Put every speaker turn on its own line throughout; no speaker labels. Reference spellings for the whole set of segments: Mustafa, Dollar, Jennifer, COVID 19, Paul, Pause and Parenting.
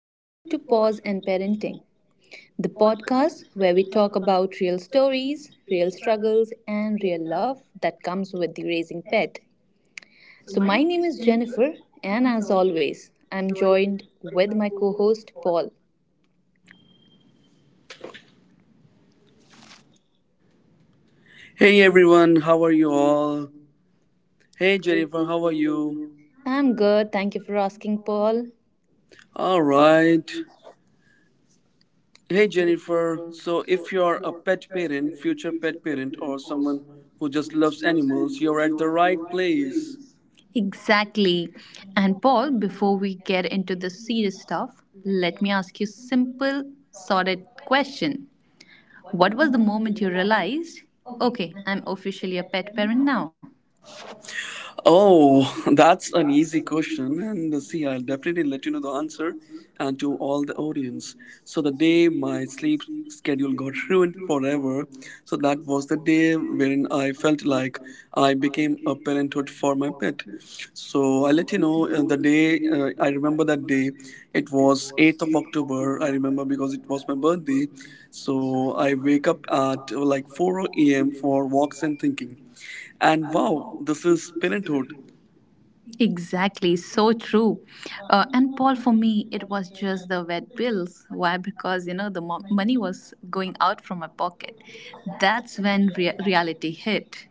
Welcome to Pause and Parenting, the podcast where we talk about real stories, real struggles, and real love that comes with the raising pet. So, my name is Jennifer, and as always, I'm joined with my co host, Paul.
Hey everyone, how are you all? Hey Jennifer, how are you?
I'm good. Thank you for asking, Paul.
All right. Hey Jennifer, so if you're a pet parent, future pet parent, or someone who just loves animals, you're at the right place.
Exactly. And Paul, before we get into the serious stuff, let me ask you a simple, sorted question. What was the moment you realized, okay, I'm officially a pet parent now?
Oh, that's an easy question. And see, I'll definitely let you know the answer and to all the audience. So, the day my sleep schedule got ruined forever, so that was the day wherein I felt like I became a parenthood for my pet. So, I'll let you know the day I remember that day. It was 8th of October. I remember because it was my birthday. So, I wake up at like 4 a.m. for walks and thinking and wow, this is parenthood.
Exactly, so true. And Paul, for me, it was just the vet bills. Why? Because, money was going out from my pocket. That's when reality hit.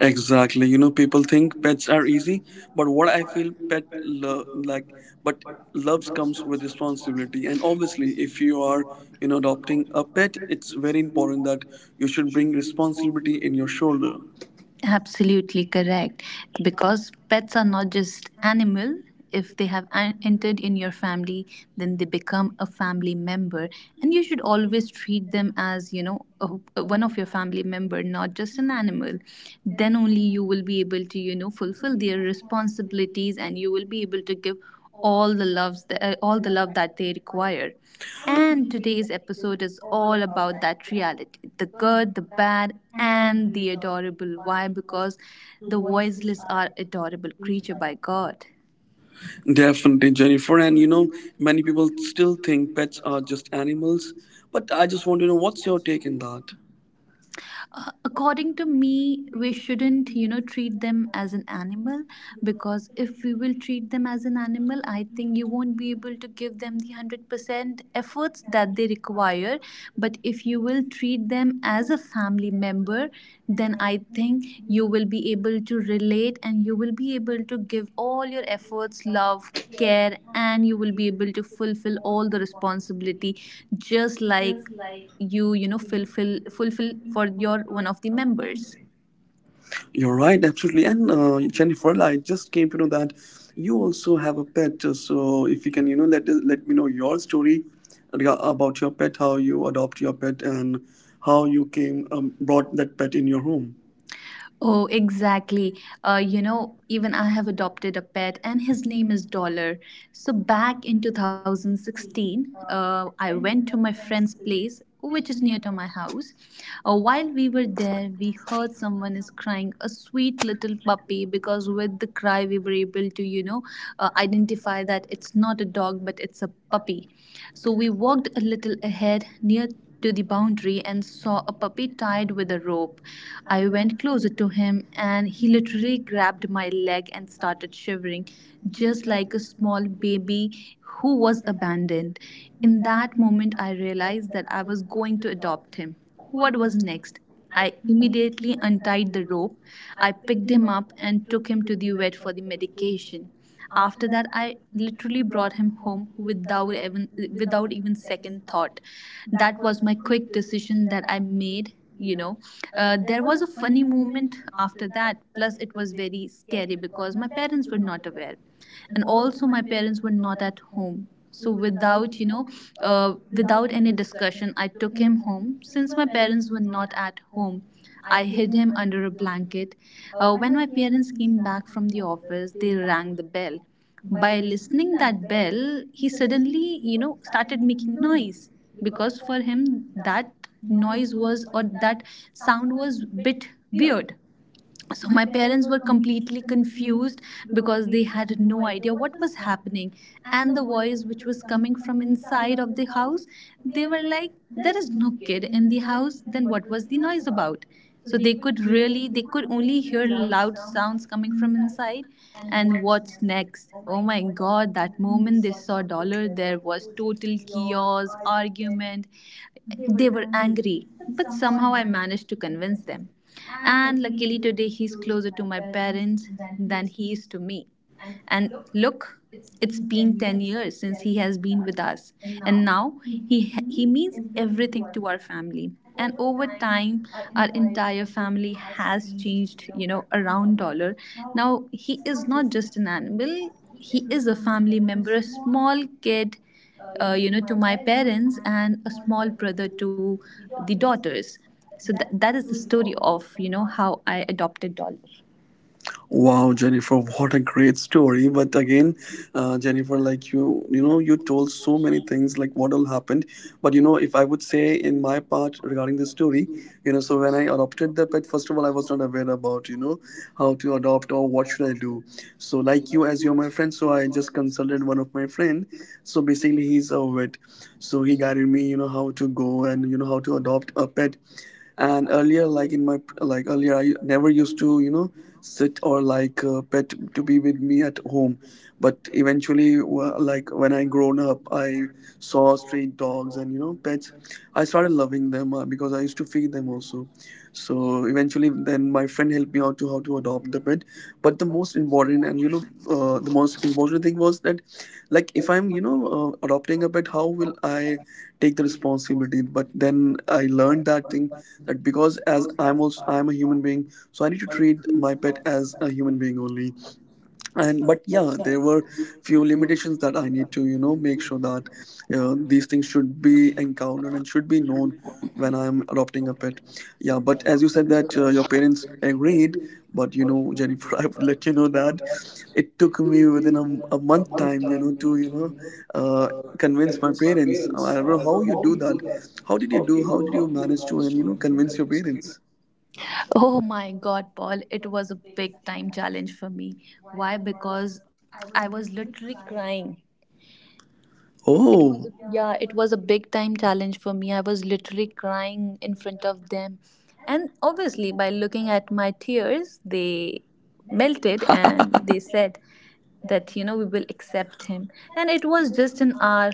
Exactly. People think pets are easy, but what I feel pet love like, but loves comes with responsibility. And obviously, if you are, adopting a pet, it's very important that you should bring responsibility in your shoulder.
Absolutely correct. Because pets are not just animal. If they have entered in your family, then they become a family member, and you should always treat them as a, one of your family member, not just an animal. Then only you will be able to fulfill their responsibilities, and you will be able to give all the loves all the love that they require, and today's episode is all about that reality, the good, the bad, and the adorable. Why? Because the voiceless are adorable creature by God.
Definitely, Jennifer. Many people still think pets are just animals, but I just want to know what's your take in that?
According to me, we shouldn't, you know, treat them as an animal because if we will treat them as an animal, I think you won't be able to give them the 100% efforts that they require. But if you will treat them as a family member, then I think you will be able to relate and you will be able to give all your efforts, love, care, and you will be able to fulfill all the responsibility just like you know fulfill fulfill for your one of the members.
You're right, absolutely. And Jennifer, I just came to know that you also have a pet. So if you can, let me know your story about your pet, how you adopt your pet, and how you came brought that pet in your home.
Oh, exactly. You know, even I have adopted a pet, and his name is Dollar. So, back in 2016, I went to my friend's place, which is near to my house. While we were there, we heard someone is crying a sweet little puppy, because with the cry, we were able to, you know, identify that it's not a dog but it's a puppy. So, we walked a little ahead near to the boundary and saw a puppy tied with a rope. I went closer to him and he literally grabbed my leg and started shivering, just like a small baby who was abandoned. In that moment, I realized that I was going to adopt him. What was next? I immediately untied the rope. I picked him up and took him to the vet for the medication. After that, I literally brought him home without even without even second thought. That was my quick decision that I made. You know, there was a funny moment after that. Plus, it was very scary because my parents were not aware, and also my parents were not at home. So without without any discussion, I took him home. Since my parents were not at home, I hid him under a blanket. When my parents came back from the office, they rang the bell. By listening that bell, he suddenly, you know, started making noise, because for him that noise was, or that sound was bit weird, so my parents were completely confused because they had no idea what was happening, and the voice which was coming from inside of the house, they were like there is no kid in the house, then what was the noise about. So they could really, they could only hear loud sounds coming from inside. And what's next? Oh my god, that moment they saw Dollar, there was total chaos, argument. They were angry, but somehow I managed to convince them. And luckily today he's closer to my parents than he is to me. And look, it's been 10 years since he has been with us. And now he means everything to our family. And over time our entire family has changed, you know, around Dollar. Now he is not just an animal, he is a family member, a small kid, you know, to my parents, and a small brother to the daughters. So that is the story of, you know, how I adopted Dollar.
Wow, Jennifer, what a great story! But again, Jennifer, like you, you told so many things, like what all happened. But you know, if I would say in my part regarding the story, you know, so when I adopted the pet, first of all, I was not aware about, you know, how to adopt or what should I do. So, like you, as you're my friend, so I just consulted one of my friend. So basically, he's a vet, so he guided me, you know, how to go and you know how to adopt a pet. And earlier, like in my like earlier, I never used to, you know, sit or like a pet to be with me at home. But eventually, like when I grown up, I saw stray dogs and you know pets. I started loving them because I used to feed them also. So eventually then my friend helped me out to how to adopt the pet. But the most important, and you know, the most important thing was that, like, if I'm, you know, adopting a pet, how will I take the responsibility? But then I learned that thing, that because as I'm also I'm a human being, so I need to treat my pet as a human being only. And but yeah, there were few limitations that I need to, you know, make sure that these things should be encountered and should be known when I'm adopting a pet. Yeah, but as you said that your parents agreed. But you know Jennifer, I would let you know that it took me within a month time, you know, to you know, uh, convince my parents. I don't know how you do that. How did you do, how did you manage to and you know convince your parents?
Oh my god, Paul, it was a big time challenge for me. Why? Because I was literally crying. It was a,
Oh,
yeah, it was a big time challenge for me. I was literally crying in front of them. And obviously by looking at my tears, they melted and they said that, you know, we will accept him. And it was just an hour.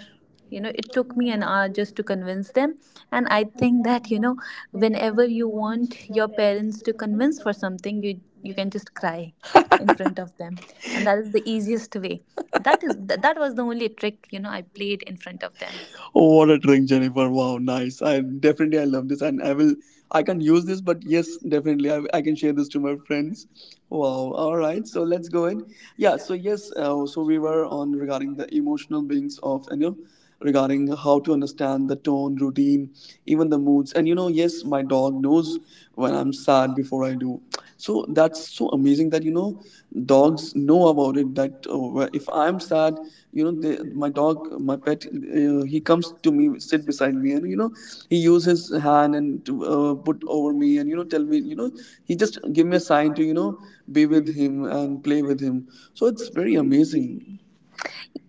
You know, it took me an hour just to convince them. And I think that, you know, whenever you want your parents to convince for something, you can just cry in front of them, and that is the easiest way. That is that was the only trick, you know, I played in front of them.
Oh, what a trick, Jennifer! Wow, nice. I definitely I love this, and I will. I can use this, but yes, definitely I can share this to my friends. Wow. All right. So let's go in. Yeah. So yes. So we were on regarding the emotional beings of you know regarding how to understand the tone, routine, even the moods, and you know yes, my dog knows when I'm sad before I do. So that's so amazing that you know dogs know about it. That if I'm sad, you know my dog my pet he comes to me, sit beside me, and you know he uses his hand and to put over me and you know tell me you know he just give me a sign to you know be with him and play with him. So it's very amazing.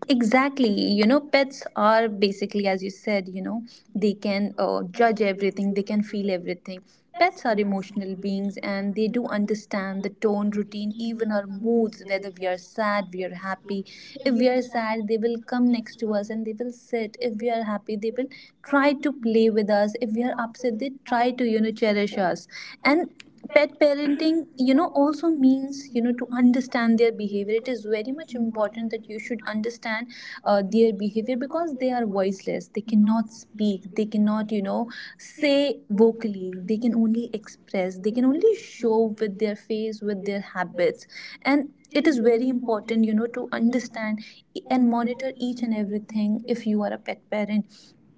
Exactly. You know, pets are basically, as you said, you know, they can judge everything, they can feel everything. Pets are emotional beings, and they do understand the tone, routine, even our moods, whether we are sad, we are happy. If we are sad they will come next to us and they will sit, if we are happy they will try to play with us, if we are upset they try to, you know, cherish us. And pet parenting, you know, also means, you know, to understand their behavior. It is very much important that you should understand their behavior, because they are voiceless, they cannot speak, they cannot, you know, say vocally, they can only express, they can only show with their face, with their habits. And it is very important, you know, to understand and monitor each and everything if you are a pet parent.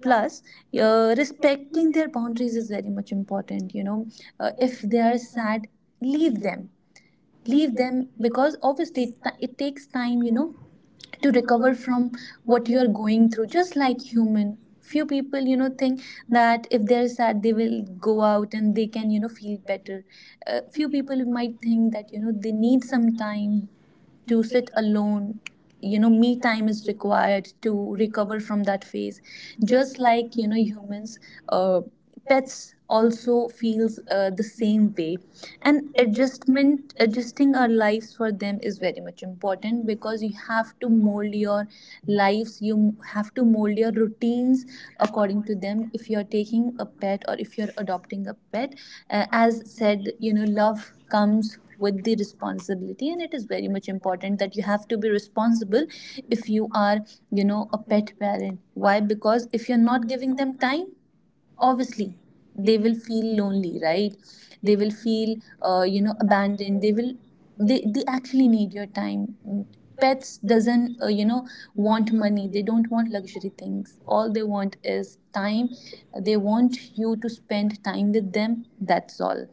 Plus, respecting their boundaries is very much important, you know. If they are sad, leave them. Leave them, because obviously it takes time, you know, to recover from what you are going through. Just like human, few people, you know, think that if they're sad they will go out and they can, you know, feel better. Few people might think that, you know, they need some time to sit alone. You know, me time is required to recover from that phase. Just like, you know, humans, uh, pets also feels the same way. And adjustment adjusting our lives for them is very much important, because you have to mold your lives, you have to mold your routines according to them if you're taking a pet or if you're adopting a pet. As said, you know, love comes with the responsibility, and it is very much important that you have to be responsible if you are, you know, a pet parent. Why? Because if you're not giving them time, obviously they will feel lonely, right? They will feel you know abandoned. They will, they actually need your time. Pets doesn't you know want money, they don't want luxury things, all they want is time. They want you to spend time with them, that's all.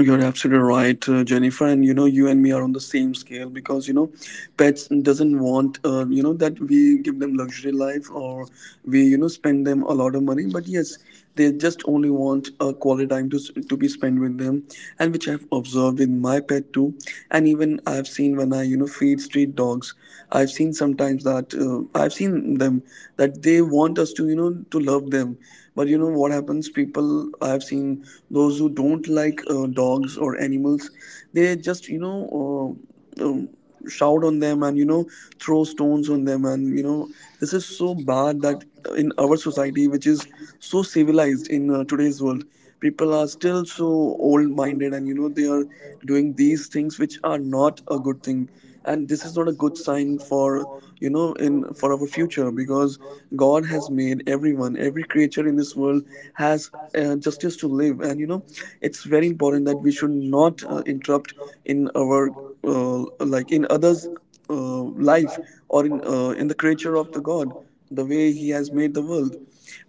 You're absolutely right, Jennifer. And you know, you and me are on the same scale because you know, pets doesn't want you know that we give them luxury life or we you know spend them a lot of money. But yes, they just only want a quality time to be spent with them, and which I've observed with my pet too. And even I've seen when I you know feed street dogs, I've seen sometimes that I've seen them that they want us to you know to love them. But you know what happens, people, I have seen those who don't like dogs or animals, they just you know shout on them and you know throw stones on them. And you know this is so bad that in our society which is so civilized in today's world, people are still so old minded and you know they are doing these things which are not a good thing. And this is not a good sign for you know in for our future, because god has made everyone, every creature in this world has justice to live. And you know it's very important that we should not interrupt in our like in others life, or in the creature of the god, the way he has made the world.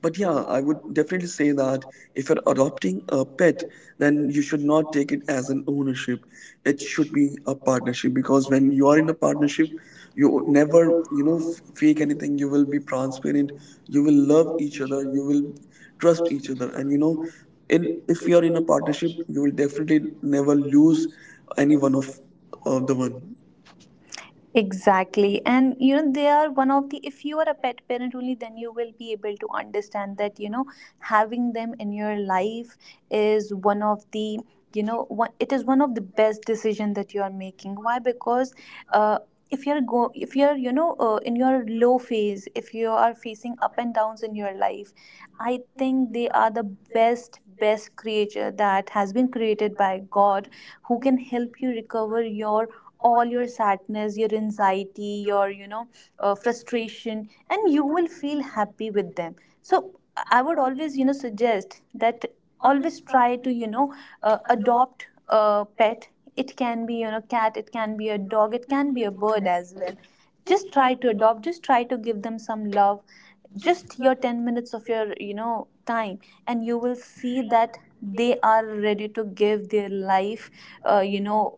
But yeah, I would definitely say that if you're adopting a pet, then you should not take it as an ownership. It should be a partnership, because when you are in a partnership, you never you know fake anything. You will be transparent, you will love each other, you will trust each other, and you know in if you are in a partnership, you will definitely never lose any one of the one.
Exactly. And you know, they are one of the, if you are a pet parent only, then you will be able to understand that, you know, having them in your life is one of the, it is one of the best decision that you are making. Why? Because, uh, if you're go if you're you know in your low phase, if you are facing up and downs in your life, I think they are the best creature that has been created by God, who can help you recover your all your sadness, your anxiety, your you know frustration, and you will feel happy with them. So I would always, you know, suggest that always try to, you know, adopt a pet. It can be, you know, cat, it can be a dog, it can be a bird as well. Just try to adopt, just try to give them some love, just your 10 minutes of your, you know, time, and you will see that they are ready to give their life, uh, you know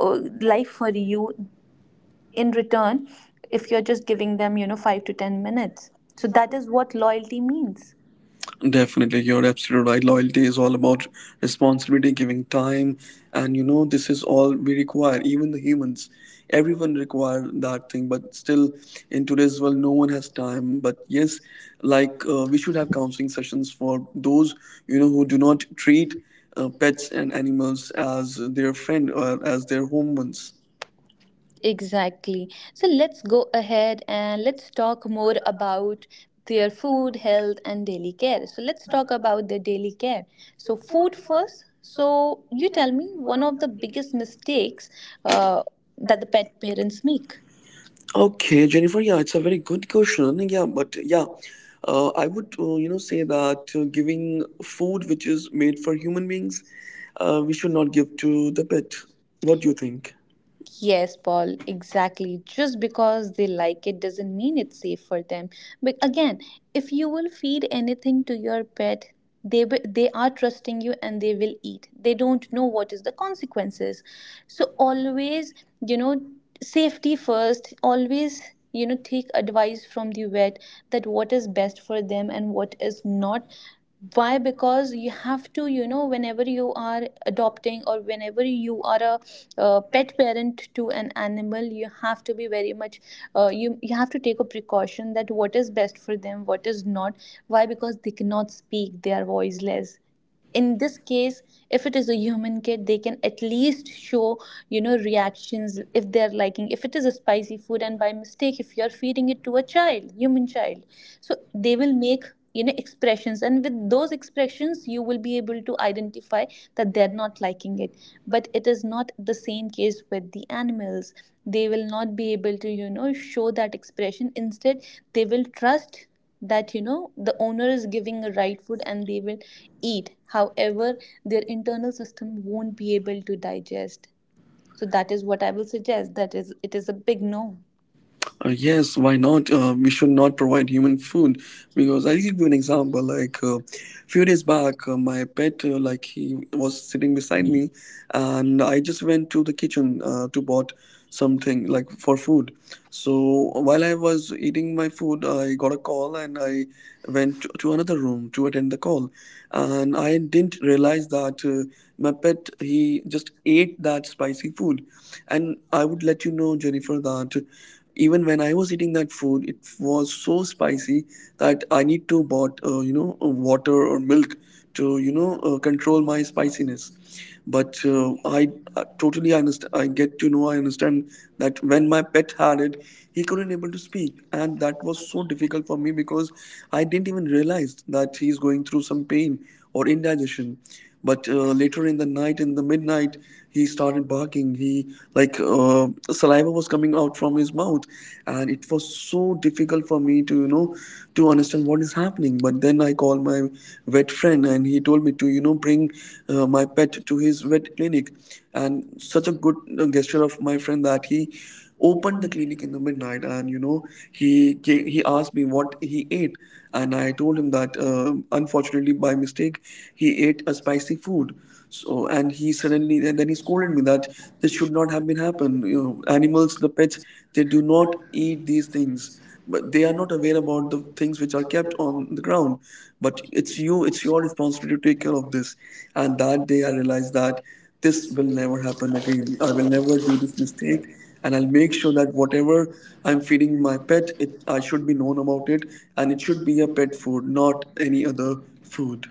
life for you, in return, if you're just giving them, you know, 5 to 10 minutes. So that is what loyalty means.
Definitely, you're absolutely right. Loyalty is all about responsibility, giving time, and you know this is all we require. Even the humans, everyone require that thing. But still, in today's world, no one has time. But yes, like we should have counseling sessions for those you know who do not treat pets and animals as their friend or as their home ones.
Exactly. So let's go ahead and let's talk more about their food, health, and daily care. So let's talk about their daily care. So, food first. So, you tell me one of the biggest mistakes uh, that the pet parents make.
Okay, Jennifer, yeah, it's a very good question. Yeah, but yeah, I would, you know, say that giving food which is made for human beings, we should not give to the pet. What do you think?
Yes, Paul, exactly. Just because they like it doesn't mean it's safe for them. But again, if you will feed anything to your pet, they are trusting you and they will eat. They don't know what is the consequences. So always, you know, safety first. Always, take advice from the vet that what is best for them and what is not. Why? Because you have to, whenever you are adopting or whenever you are a pet parent to an animal, you have to be very much — you have to take a precaution that what is best for them, what is not. Why? Because they cannot speak, they are voiceless in this case. If it is a human kid, they can at least show, reactions if they're liking, if it is a spicy food and by mistake if you're feeding it to a child, human child, so they will make, expressions, and with those expressions you will be able to identify that they're not liking it. But it is not the same case with the animals. They will not be able to, show that expression. Instead, they will trust that, the owner is giving the right food, and they will eat. However, their internal system won't be able to digest. So that is what I will suggest: that is, it is a big no.
Yes, why not? We should not provide human food because I'll give you an example. Like a few days back, my pet, like he was sitting beside me, and I just went to the kitchen to bought something like for food. So while I was eating my food, I got a call and I went to another room to attend the call, and I didn't realize that my pet he just ate that spicy food. And I would let you know, Jennifer, that even when I was eating that food, it was so spicy that I need to bought you know water or milk to you know control my spiciness. But I totally understand. I get to know. I understand that when my pet had it, he couldn't able to speak, and that was so difficult for me because I didn't even realize that he's going through some pain or indigestion. But later in the night, in the midnight, he started barking. He like saliva was coming out from his mouth, and it was so difficult for me to you know to understand what is happening. But then I called my vet friend, and he told me to bring my pet to his vet clinic, and such a good gesture of my friend that he opened the clinic in the midnight. And he came, he asked me what he ate, and I told him that unfortunately, by mistake, he ate a spicy food. So and he suddenly and then he scolded me that this should not have been happen. You know, animals, the pets, they do not eat these things, but they are not aware about the things which are kept on the ground. But it's you, it's your responsibility to take care of this. And that day I realized that this will never happen again, I will never do this mistake, and I'll make sure that whatever I'm feeding my pet, it, I should be known about it, and it should be a pet food, not any other food.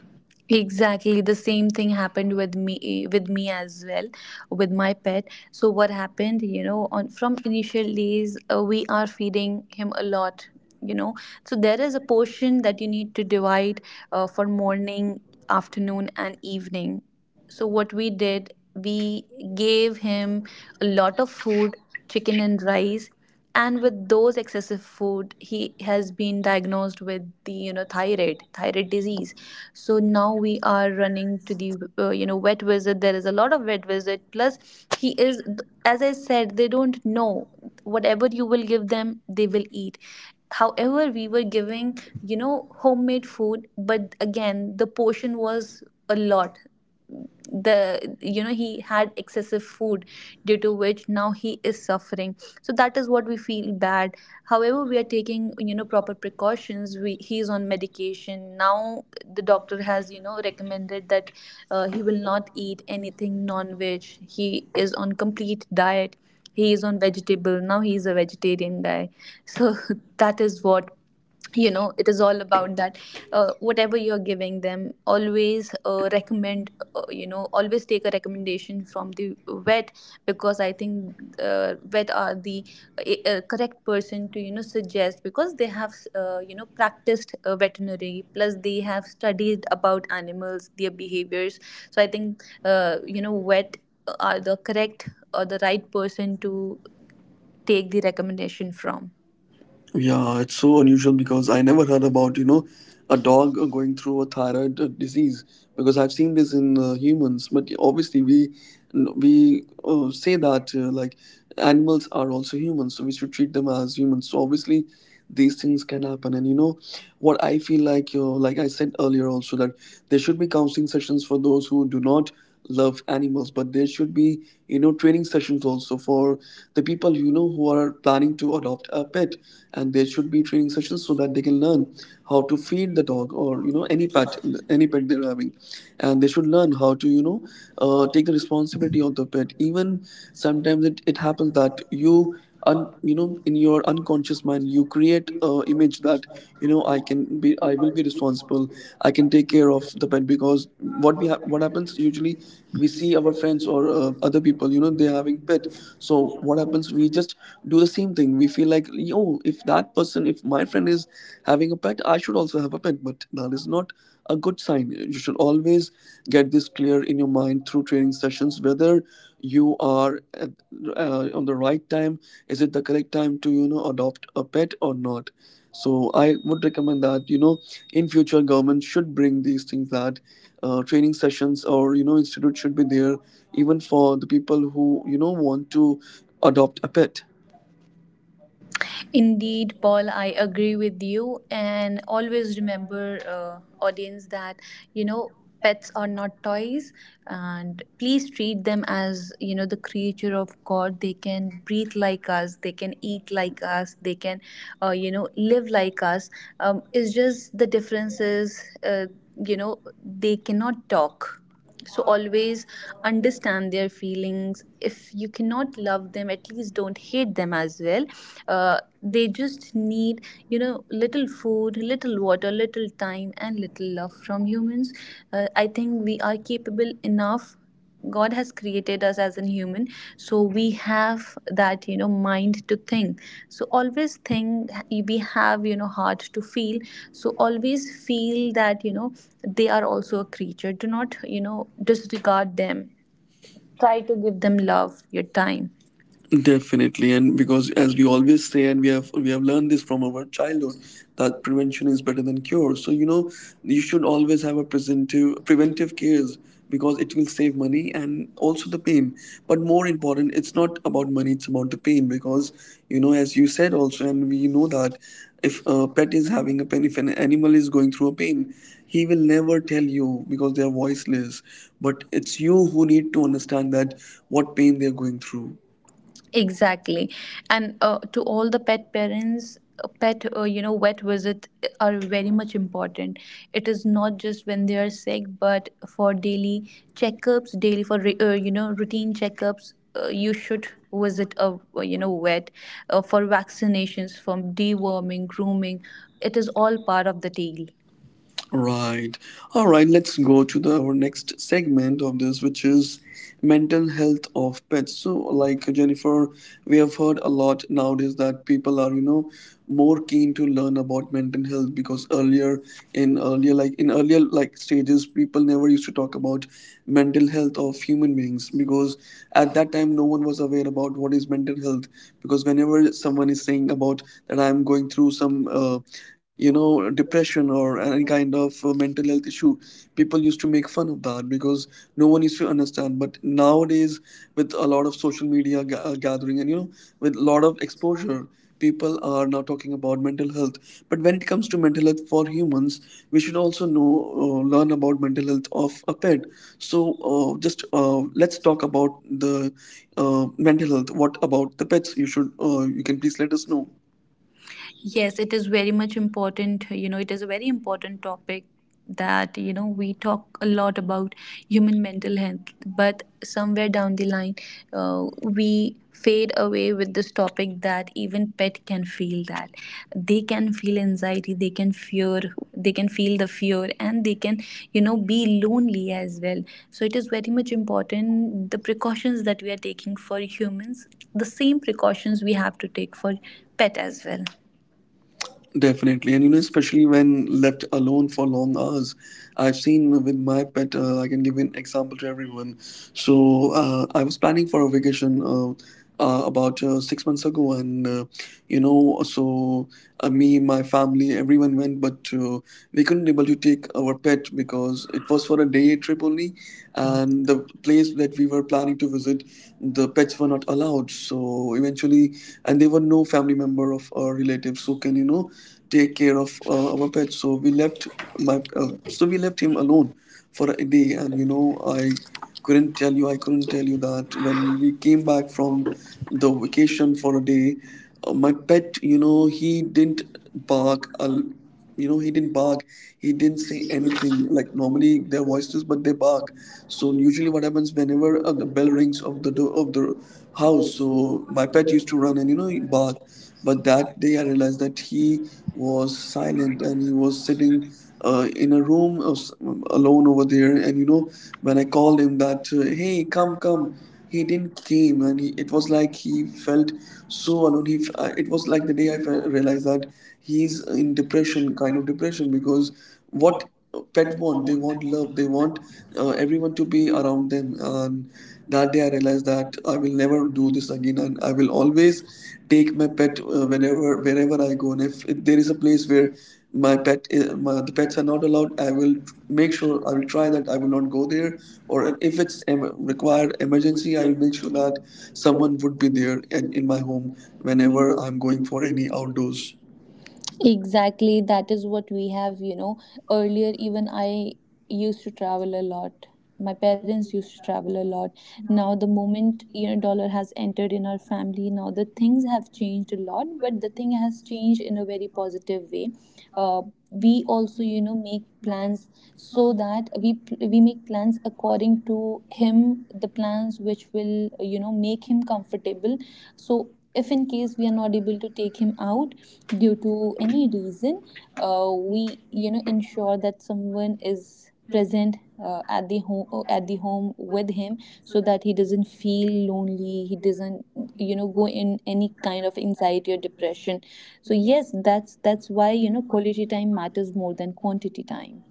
Exactly, the same thing happened with me as well, with my pet. So what happened, on from initial days, we are feeding him a lot, you know. So there is a portion that you need to divide, for morning, afternoon, and evening. So what we did, we gave him a lot of food, chicken and rice, and with those excessive food, he has been diagnosed with the, thyroid disease. So now we are running to the vet visit. There is a lot of vet visit. Plus, he is, as I said, they don't know, whatever you will give them, they will eat. However, we were giving, homemade food, but again the portion was a lot. The you know He had excessive food due to which now he is suffering. So that is what we feel bad. However, we are taking, proper precautions. We He is on medication now. The doctor has, recommended that he will not eat anything non-veg. He is on complete diet. He is on vegetable now. He is a vegetarian guy. So that is what, it is all about. That, whatever you're giving them, always recommend, always take a recommendation from the vet. Because I think vet are the correct person to, suggest, because they have, practiced veterinary, plus they have studied about animals, their behaviors. So I think vet are the correct or the right person to take the recommendation from.
Yeah, it's so unusual because I never heard about, you know, a dog going through a thyroid disease, because I've seen this in humans, but obviously we say that like animals are also humans, so we should treat them as humans. So obviously these things can happen. And you know what I feel, like you, like I said earlier also, that there should be counseling sessions for those who do not love animals, but there should be, you know, training sessions also for the people, you know, who are planning to adopt a pet. And there should be training sessions so that they can learn how to feed the dog or, you know, any pet, any pet they're having. And they should learn how to, you know, take the responsibility of the pet. Even sometimes it happens that you you know, in your unconscious mind, you create a image that, you know, I will be responsible, I can take care of the pet. Because what happens usually, we see our friends or other people, you know, they're having pet. So what happens, we just do the same thing. We feel like, yo, if that person, if my friend is having a pet, I should also have a pet. But that is not a good sign. You should always get this clear in your mind through training sessions whether you are at, on the right time, is it the correct time to, you know, adopt a pet or not. So I would recommend that, you know, in future, government should bring these things that training sessions or, you know, institute should be there even for the people who, you know, want to adopt a pet.
Indeed, Paul, I agree with you. And always remember, audience, that, you know pets are not toys, and please treat them as, the creature of God. They can breathe like us, they can eat like us, they can, live like us. It's just the differences. They cannot talk, so always understand their feelings. If you cannot love them, at least don't hate them as well. They just need, little food, little water, little time, and little love from humans. I think we are capable enough. God has created us as a human, so we have that, mind to think. So always think. We have, heart to feel. So always feel that, they are also a creature. Do not, disregard them. Try to give them love, your time.
Definitely, and because as we always say, and we have learned this from our childhood, that prevention is better than cure. So you know, you should always have a preventive cares, because it will save money and also the pain. But more important, it's not about money; it's about the pain. Because, you know, as you said also, and we know that if a pet is having a pain, if an animal is going through a pain, he will never tell you because they are voiceless. But it's you who need to understand that what pain they are going through.
Exactly. And to all the pet parents, vet visit are very much important. It is not just when they are sick, but for daily checkups, daily for, routine checkups. You should visit a, vet, for vaccinations, from deworming, grooming. It is all part of the deal.
Right. All right, let's go to the our next segment of this, which is mental health of pets. So, like, Jennifer, we have heard a lot nowadays that people are, you know, more keen to learn about mental health, because earlier, in earlier like stages, people never used to talk about mental health of human beings, because at that time no one was aware about what is mental health. Because whenever someone is saying about that I'm going through some you know, depression or any kind of mental health issue, people used to make fun of that because no one used to understand. But nowadays, with a lot of social media gathering and, you know, with a lot of exposure, people are now talking about mental health. But when it comes to mental health for humans, we should also know, learn about mental health of a pet. So just let's talk about the mental health. What about the pets? You should you can please let us know.
Yes, it is very much important. It is a very important topic that, we talk a lot about human mental health, but somewhere down the line, we fade away with this topic that even pet can feel that. They can feel anxiety, they can fear, they can feel the fear, and they can, be lonely as well. So it is very much important, the precautions that we are taking for humans, the same precautions we have to take for pet as well.
Definitely, and you know, especially when left alone for long hours, I've seen with my pet. I can give an example to everyone. So I was planning for a vacation about 6 months ago, and you know, so me, my family, everyone went, but we couldn't able to take our pet because it was for a day trip only, and the place that we were planning to visit, the pets were not allowed. So eventually, and there were no family member of our relatives who can, you know, take care of our pet, so we left him alone for a day. And you know, I couldn't tell you I couldn't tell you that when we came back from the vacation for a day, my pet, you know, he didn't bark a l- you know he didn't bark, he didn't say anything. Like normally their voices, but they bark. So usually what happens, whenever the bell rings of the door of the house, so my pet used to run and, you know, bark. But that day I realized that he was silent and he was sitting in a room of, alone over there. And you know, when I called him that, hey, come, come, he didn't came. And it was like he felt so alone. It was like the day I realized that he's in depression, kind of depression. Because what pet want, they want love, they want everyone to be around them. And that day I realized that I will never do this again, and I will always take my pet whenever, wherever I go. And if there is a place where my pet I- my, the pets are not allowed, I will make sure, I will try, that I will not go there. Or if it's required emergency, I will make sure that someone would be there in my home, whenever I'm going for any outdoors.
Exactly, that is what we have. Earlier, even I used to travel a lot. My parents used to travel a lot. Now, the moment, dollar has entered in our family, now the things have changed a lot, but the thing has changed in a very positive way. Uh, we also, make plans so that we make plans according to him, the plans which will, make him comfortable. So if in case we are not able to take him out due to any reason, we, ensure that someone is present, at the home with him, so that he doesn't feel lonely, he doesn't, go in any kind of anxiety or depression. So yes, that's why, quality time matters more than quantity time.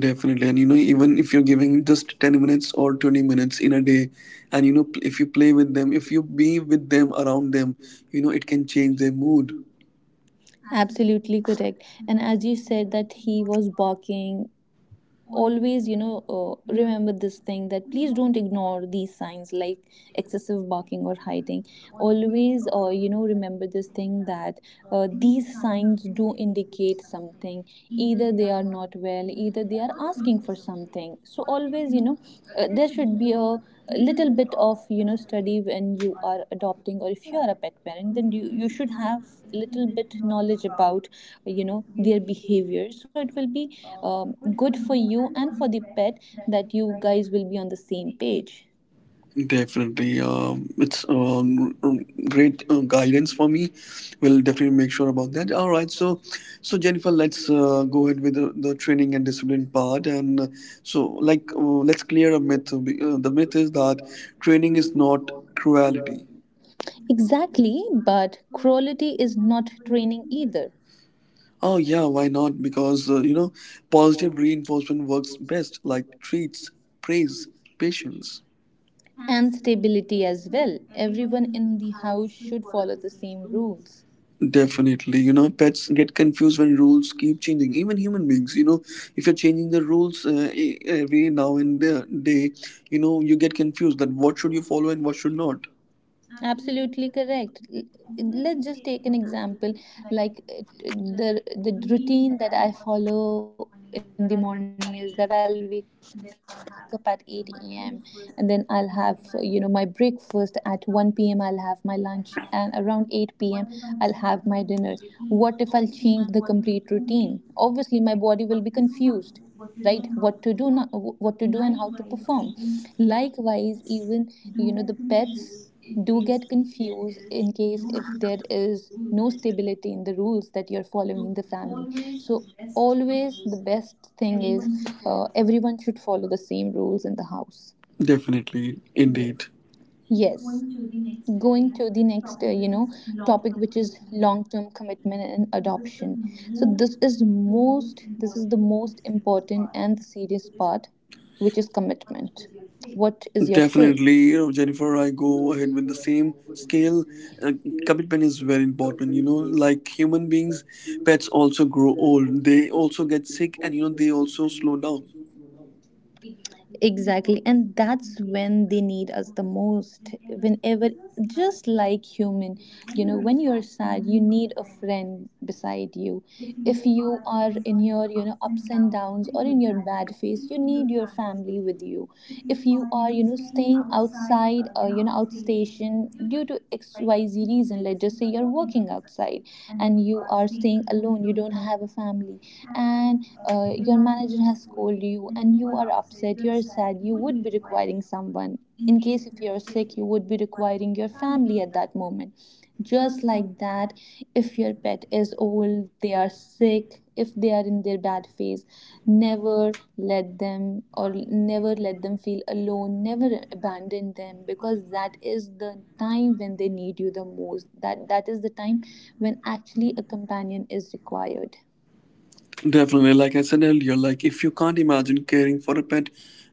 Definitely. And you know, even if you're giving just 10 minutes or 20 minutes in a day, and you know, if you play with them, if you be with them, around them, you know, it can change their mood.
Absolutely correct. And as you said that he was barking, always, remember this thing, that please don't ignore these signs like excessive barking or hiding. Always, remember this thing that these signs do indicate something. Either they are not well, either they are asking for something. So always, there should be a little bit of, study when you are adopting, or if you are a pet parent, then you should have little bit knowledge about, their behavior, so it will be um, good for you and for the pet, that you guys will be on the same page.
Definitely. It's great guidance for me. We'll definitely make sure about that. All right. So, so Jennifer, let's go ahead with the training and discipline part. And so, like, let's clear a myth. The myth is that training is not cruelty.
Exactly, but cruelty is not training either.
Oh, yeah, why not? Because, you know, positive reinforcement works best, like treats, praise, patience.
And stability as well. Everyone in the house should follow the same rules.
Definitely, you know, pets get confused when rules keep changing. Even human beings, you know, if you're changing the rules every now and day, you know, you get confused that what should you follow and what should not.
Absolutely correct. Let's just take an example. Like, the routine that I follow in the morning is that I'll wake up at 8 a.m. and then I'll have, my breakfast at 1 p.m., I'll have my lunch, and around 8 p.m. I'll have my dinner. What if I'll change the complete routine? Obviously, my body will be confused, right? What to do now, what to do, and how to perform. Likewise, even, the pets do get confused in case if there is no stability in the rules that you're following in the family. So always, the best thing is, everyone should follow the same rules in the house.
Definitely, indeed.
Yes, going to the next, topic, which is long term commitment and adoption. So this is the most important and the serious part, which is commitment. What is your say?
Definitely, you know, Jennifer, I go ahead with the same scale. Uh, commitment is very important, you know, like human beings, pets also grow old. They also get sick and, you know, they also slow down.
Exactly. And that's when they need us the most. Whenever, just like human, when you're sad, you need a friend beside you. If you are in your, ups and downs or in your bad phase, you need your family with you. If you are, staying outside, outstation due to XYZ reason, let's just say you're working outside and you are staying alone, you don't have a family. And your manager has called you and you are upset, you are sad, you would be requiring someone. In case if you're sick, you would be requiring your family at that moment. Just like that, if your pet is old, they are sick, if they are in their bad phase, never let them, or never let them feel alone, never abandon them, because that is the time when they need you the most. That is the time when actually a companion is required.
Definitely, like I said earlier, like if you can't imagine caring for a pet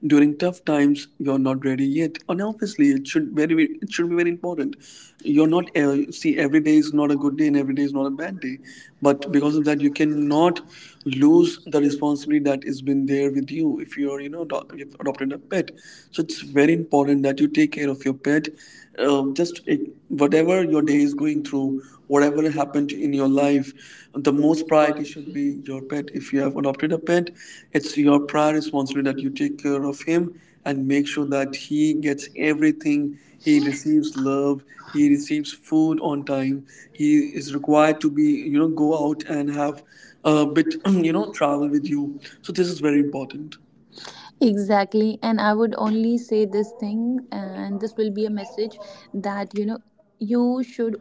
during tough times, you're not ready yet. And obviously, it should very it should be very important. You're not see, every day is not a good day and every day is not a bad day, but because of that, you cannot lose the responsibility that has been there with you if you're, you know, you've adopted a pet. So it's very important that you take care of your pet. Just whatever your day is going through, whatever happened in your life, the most priority should be your pet. If you have adopted a pet, it's your prior responsibility that you take care of him and make sure that he gets everything. He receives love, he receives food on time, he is required to be, you know, go out and have a bit, you know, travel with you. So, this is very important.
Exactly. And I would only say this thing, and this will be a message that, you should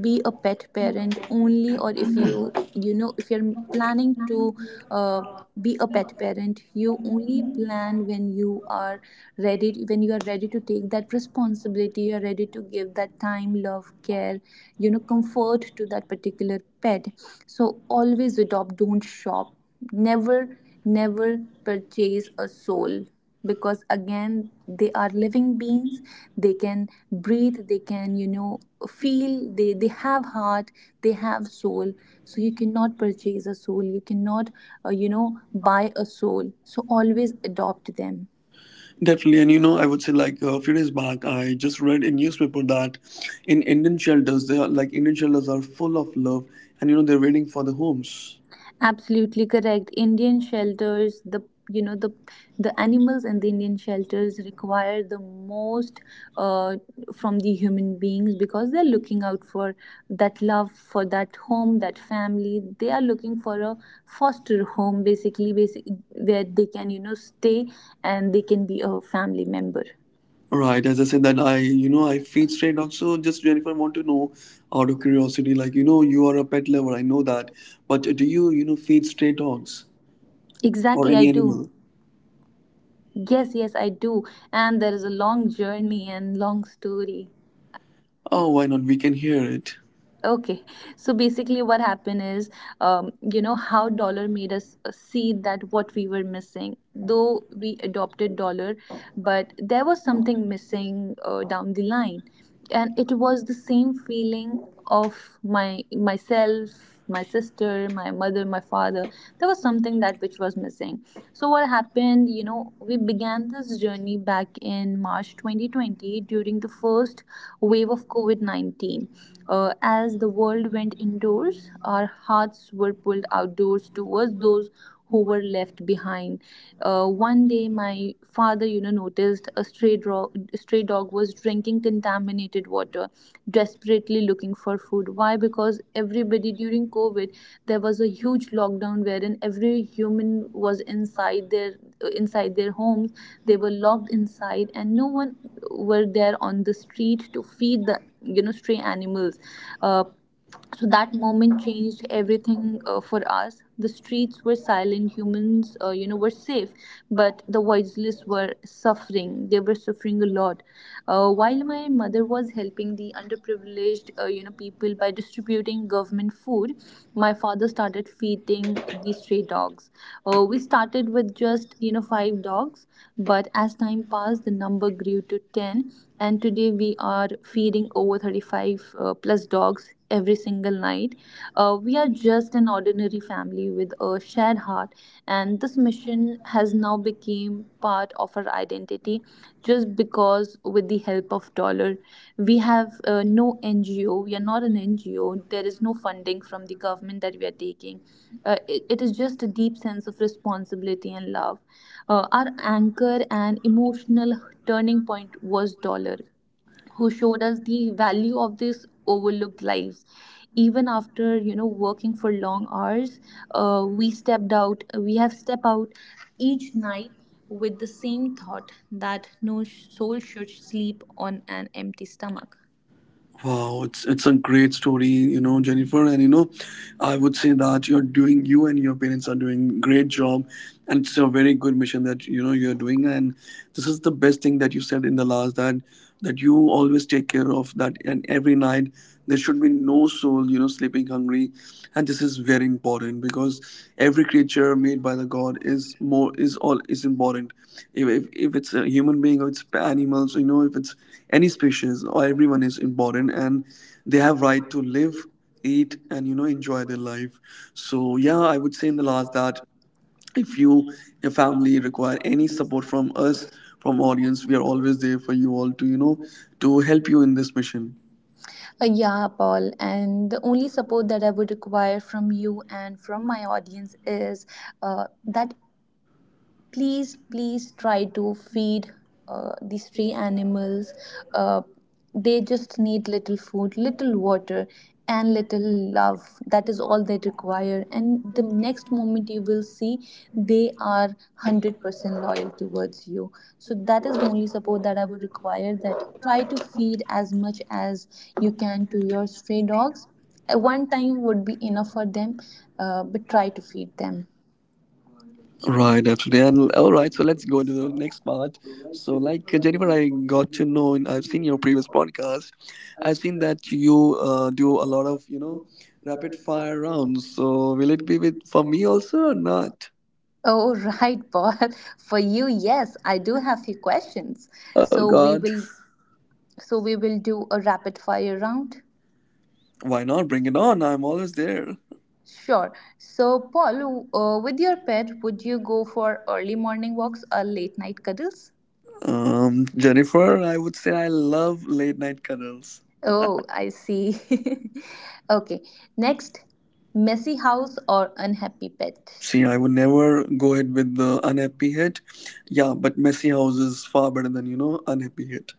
be a pet parent only, or if you, if you're planning to uh, be a pet parent, you only plan when you are ready, when you are ready to take that responsibility, you're ready to give that time, love, care, comfort to that particular pet. So always adopt, don't shop. Never purchase a soul, because again they are living beings. They can breathe, they can, feel. They have heart, they have soul. So you cannot purchase a soul. You cannot buy a soul. So always adopt them.
Definitely, and you know, I would say, like, a few days back, I just read in newspaper that in Indian shelters, they are like Indian shelters are full of love, and you know, they're waiting for the homes.
Absolutely correct. Indian shelters, you know the the animals in the Indian shelters require the most uh, from the human beings because they're looking out for that love, for that home, that family. They are looking for a foster home, basically, basic where they can stay and they can be a family member.
Right, as I said that I, you know, I feed straight. Also, just Jennifer, want to know out of curiosity, like, you know, you are a pet lover, I know that, but do you, you know, feed stray dogs or
Exactly, I
any
do.
animal?
Yes, yes, I do. And there is a long journey and long story.
Oh, why not? We can hear it.
Okay, so basically, what happened is, how dollar made us see that what we were missing. Though we adopted dollar, but there was something missing down the line, and it was the same feeling of my myself, my sister, my mother, my father. There was something that which was missing. So what happened? You know, we began this journey back in March 2020 during the first wave of COVID 19. As the world went indoors, our hearts were pulled outdoors towards those who were left behind. One day, my father, you know, noticed a stray dog. Stray dog was drinking contaminated water, desperately looking for food. Why? Because everybody during COVID, there was a huge lockdown wherein every human was inside their homes. They were locked inside and no one were there on the street to feed the stray animals. uh, so that moment changed everything. For us, the streets were silent. Humans, were safe, but the voiceless were suffering. They were suffering a lot. While my mother was helping the underprivileged, people by distributing government food, my father started feeding the stray dogs. We started with just 5 dogs, but as time passed, the number grew to 10, and today we are feeding over 35 plus dogs every single night. We are just an ordinary family with a shared heart, and this mission has now become part of our identity just because with the help of dollar, we have no NGO. We are not an NGO. There is no funding from the government that we are taking. It is just a deep sense of responsibility and love. Our anchor and emotional turning point was dollar, who showed us the value of these overlooked lives. Even after working for long hours, we have stepped out each night with the same thought that no sh- soul should sleep on an empty stomach.
Wow, it's a great story, you know, Jennifer. And you know, I would say that you and your parents are doing great job, and it's a very good mission that you know you're doing. And this is the best thing that you said in the last, that you always take care of that, and every night there should be no soul, you know, sleeping hungry. And this is very important, because every creature made by the God is all is important. If it's a human being or it's animals, you know, if it's any species, or everyone is important, and they have right to live, eat, and, you know, enjoy their life. So yeah, I would say in the last that if you, your family require any support from us, from audience, we are always there for you all to, you know, to help you in this mission.
Yeah, Paul. And the only support that I would require from you and from my audience is that please, please try to feed these 3 animals. uh, they just need little food, little water, and little love. That is all they require, and the next moment you will see they are 100% loyal towards you. So that is the only support that I would require, that try to feed as much as you can to your stray dogs. One time would be enough for them. But try to feed them.
Right, absolutely. And all right, so let's go into the next part. So, like, Jennifer, I got to know, and I've seen your previous podcast. I've seen that you do a lot of, you know, rapid fire rounds. So, will it be with for me also or not?
Oh, right, Paul. For you, yes, I do have few questions.
Oh
So we
God,
will so we will do a rapid fire round.
why not? Bring it on! I'm always there.
Sure. So, Paul, with your pet, would you go for early morning walks or late night cuddles?
Jennifer, I would say I love late night cuddles.
Oh, I see. Okay. Next, messy house or unhappy pet?
See, I would never go ahead with the unhappy hit. Yeah, but messy house is far better than, you know, unhappy hit.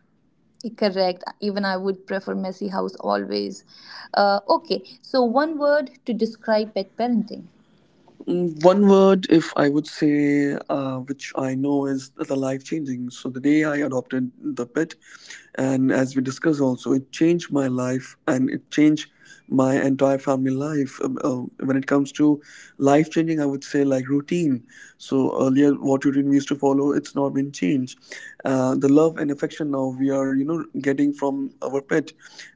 Correct. Even I would prefer messy house always. Okay. So, one word to describe pet parenting.
Mm, one word, if I would say, which I know is the life changing. So the day I adopted the pet, and as we discussed also, it changed my life and it changed my entire family life. When it comes to life changing, I would say like routine. So earlier, what routine we used to follow, it's not and change the love and affection now we are, you know, getting from our pet.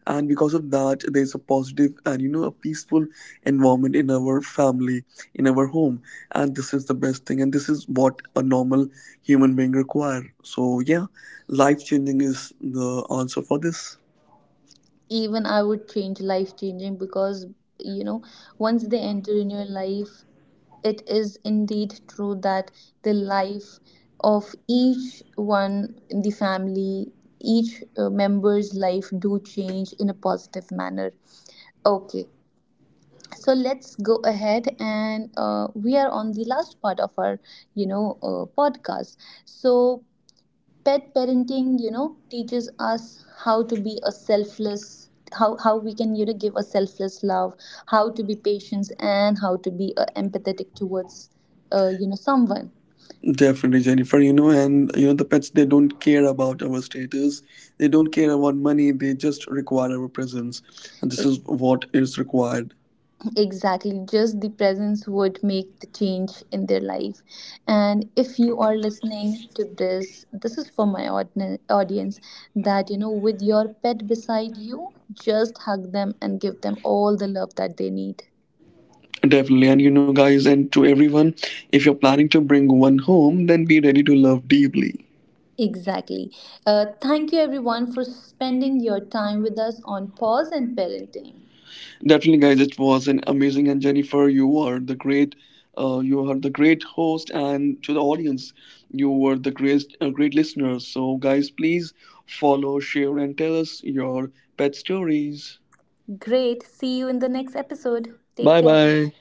And because of that, there's a positive and, you know, a peaceful environment in our family, in our home. And this is the best thing, and this is what a normal human being require. So yeah, life changing is the answer for this.
Even I would change life changing, because you know, once they enter in your life, it is indeed true that the life of each one in the family, each member's life do change in a positive manner. Okay, so let's go ahead, and we are on the last part of our podcast. So pet parenting, you know, teaches us how to be a selfless, how we can, you know, give a selfless love, how to be patient, and how to be empathetic towards someone.
Definitely, Jennifer. You know, and you know, the pets, they don't care about our status, they don't care about money, they just require our presence, and this
E-
is what is required.
exactly, just the presence would make the change in their life. And if you are listening to this, this is for my audience, that you know, with your pet beside you, just hug them and give them all the love that they need.
Definitely. And you know, guys, and to everyone, if you're planning to bring one home, then be ready to love deeply.
Exactly. Thank you, everyone, for spending your time with us on Pause and Parenting.
Definitely, guys, it was an amazing. And Jennifer, you are the great. You are the great host, and to the audience, you were the great, great listeners. So, guys, please follow, share, and tell us your pet stories.
Great. See you in the next episode. Take
Bye
care.
bye.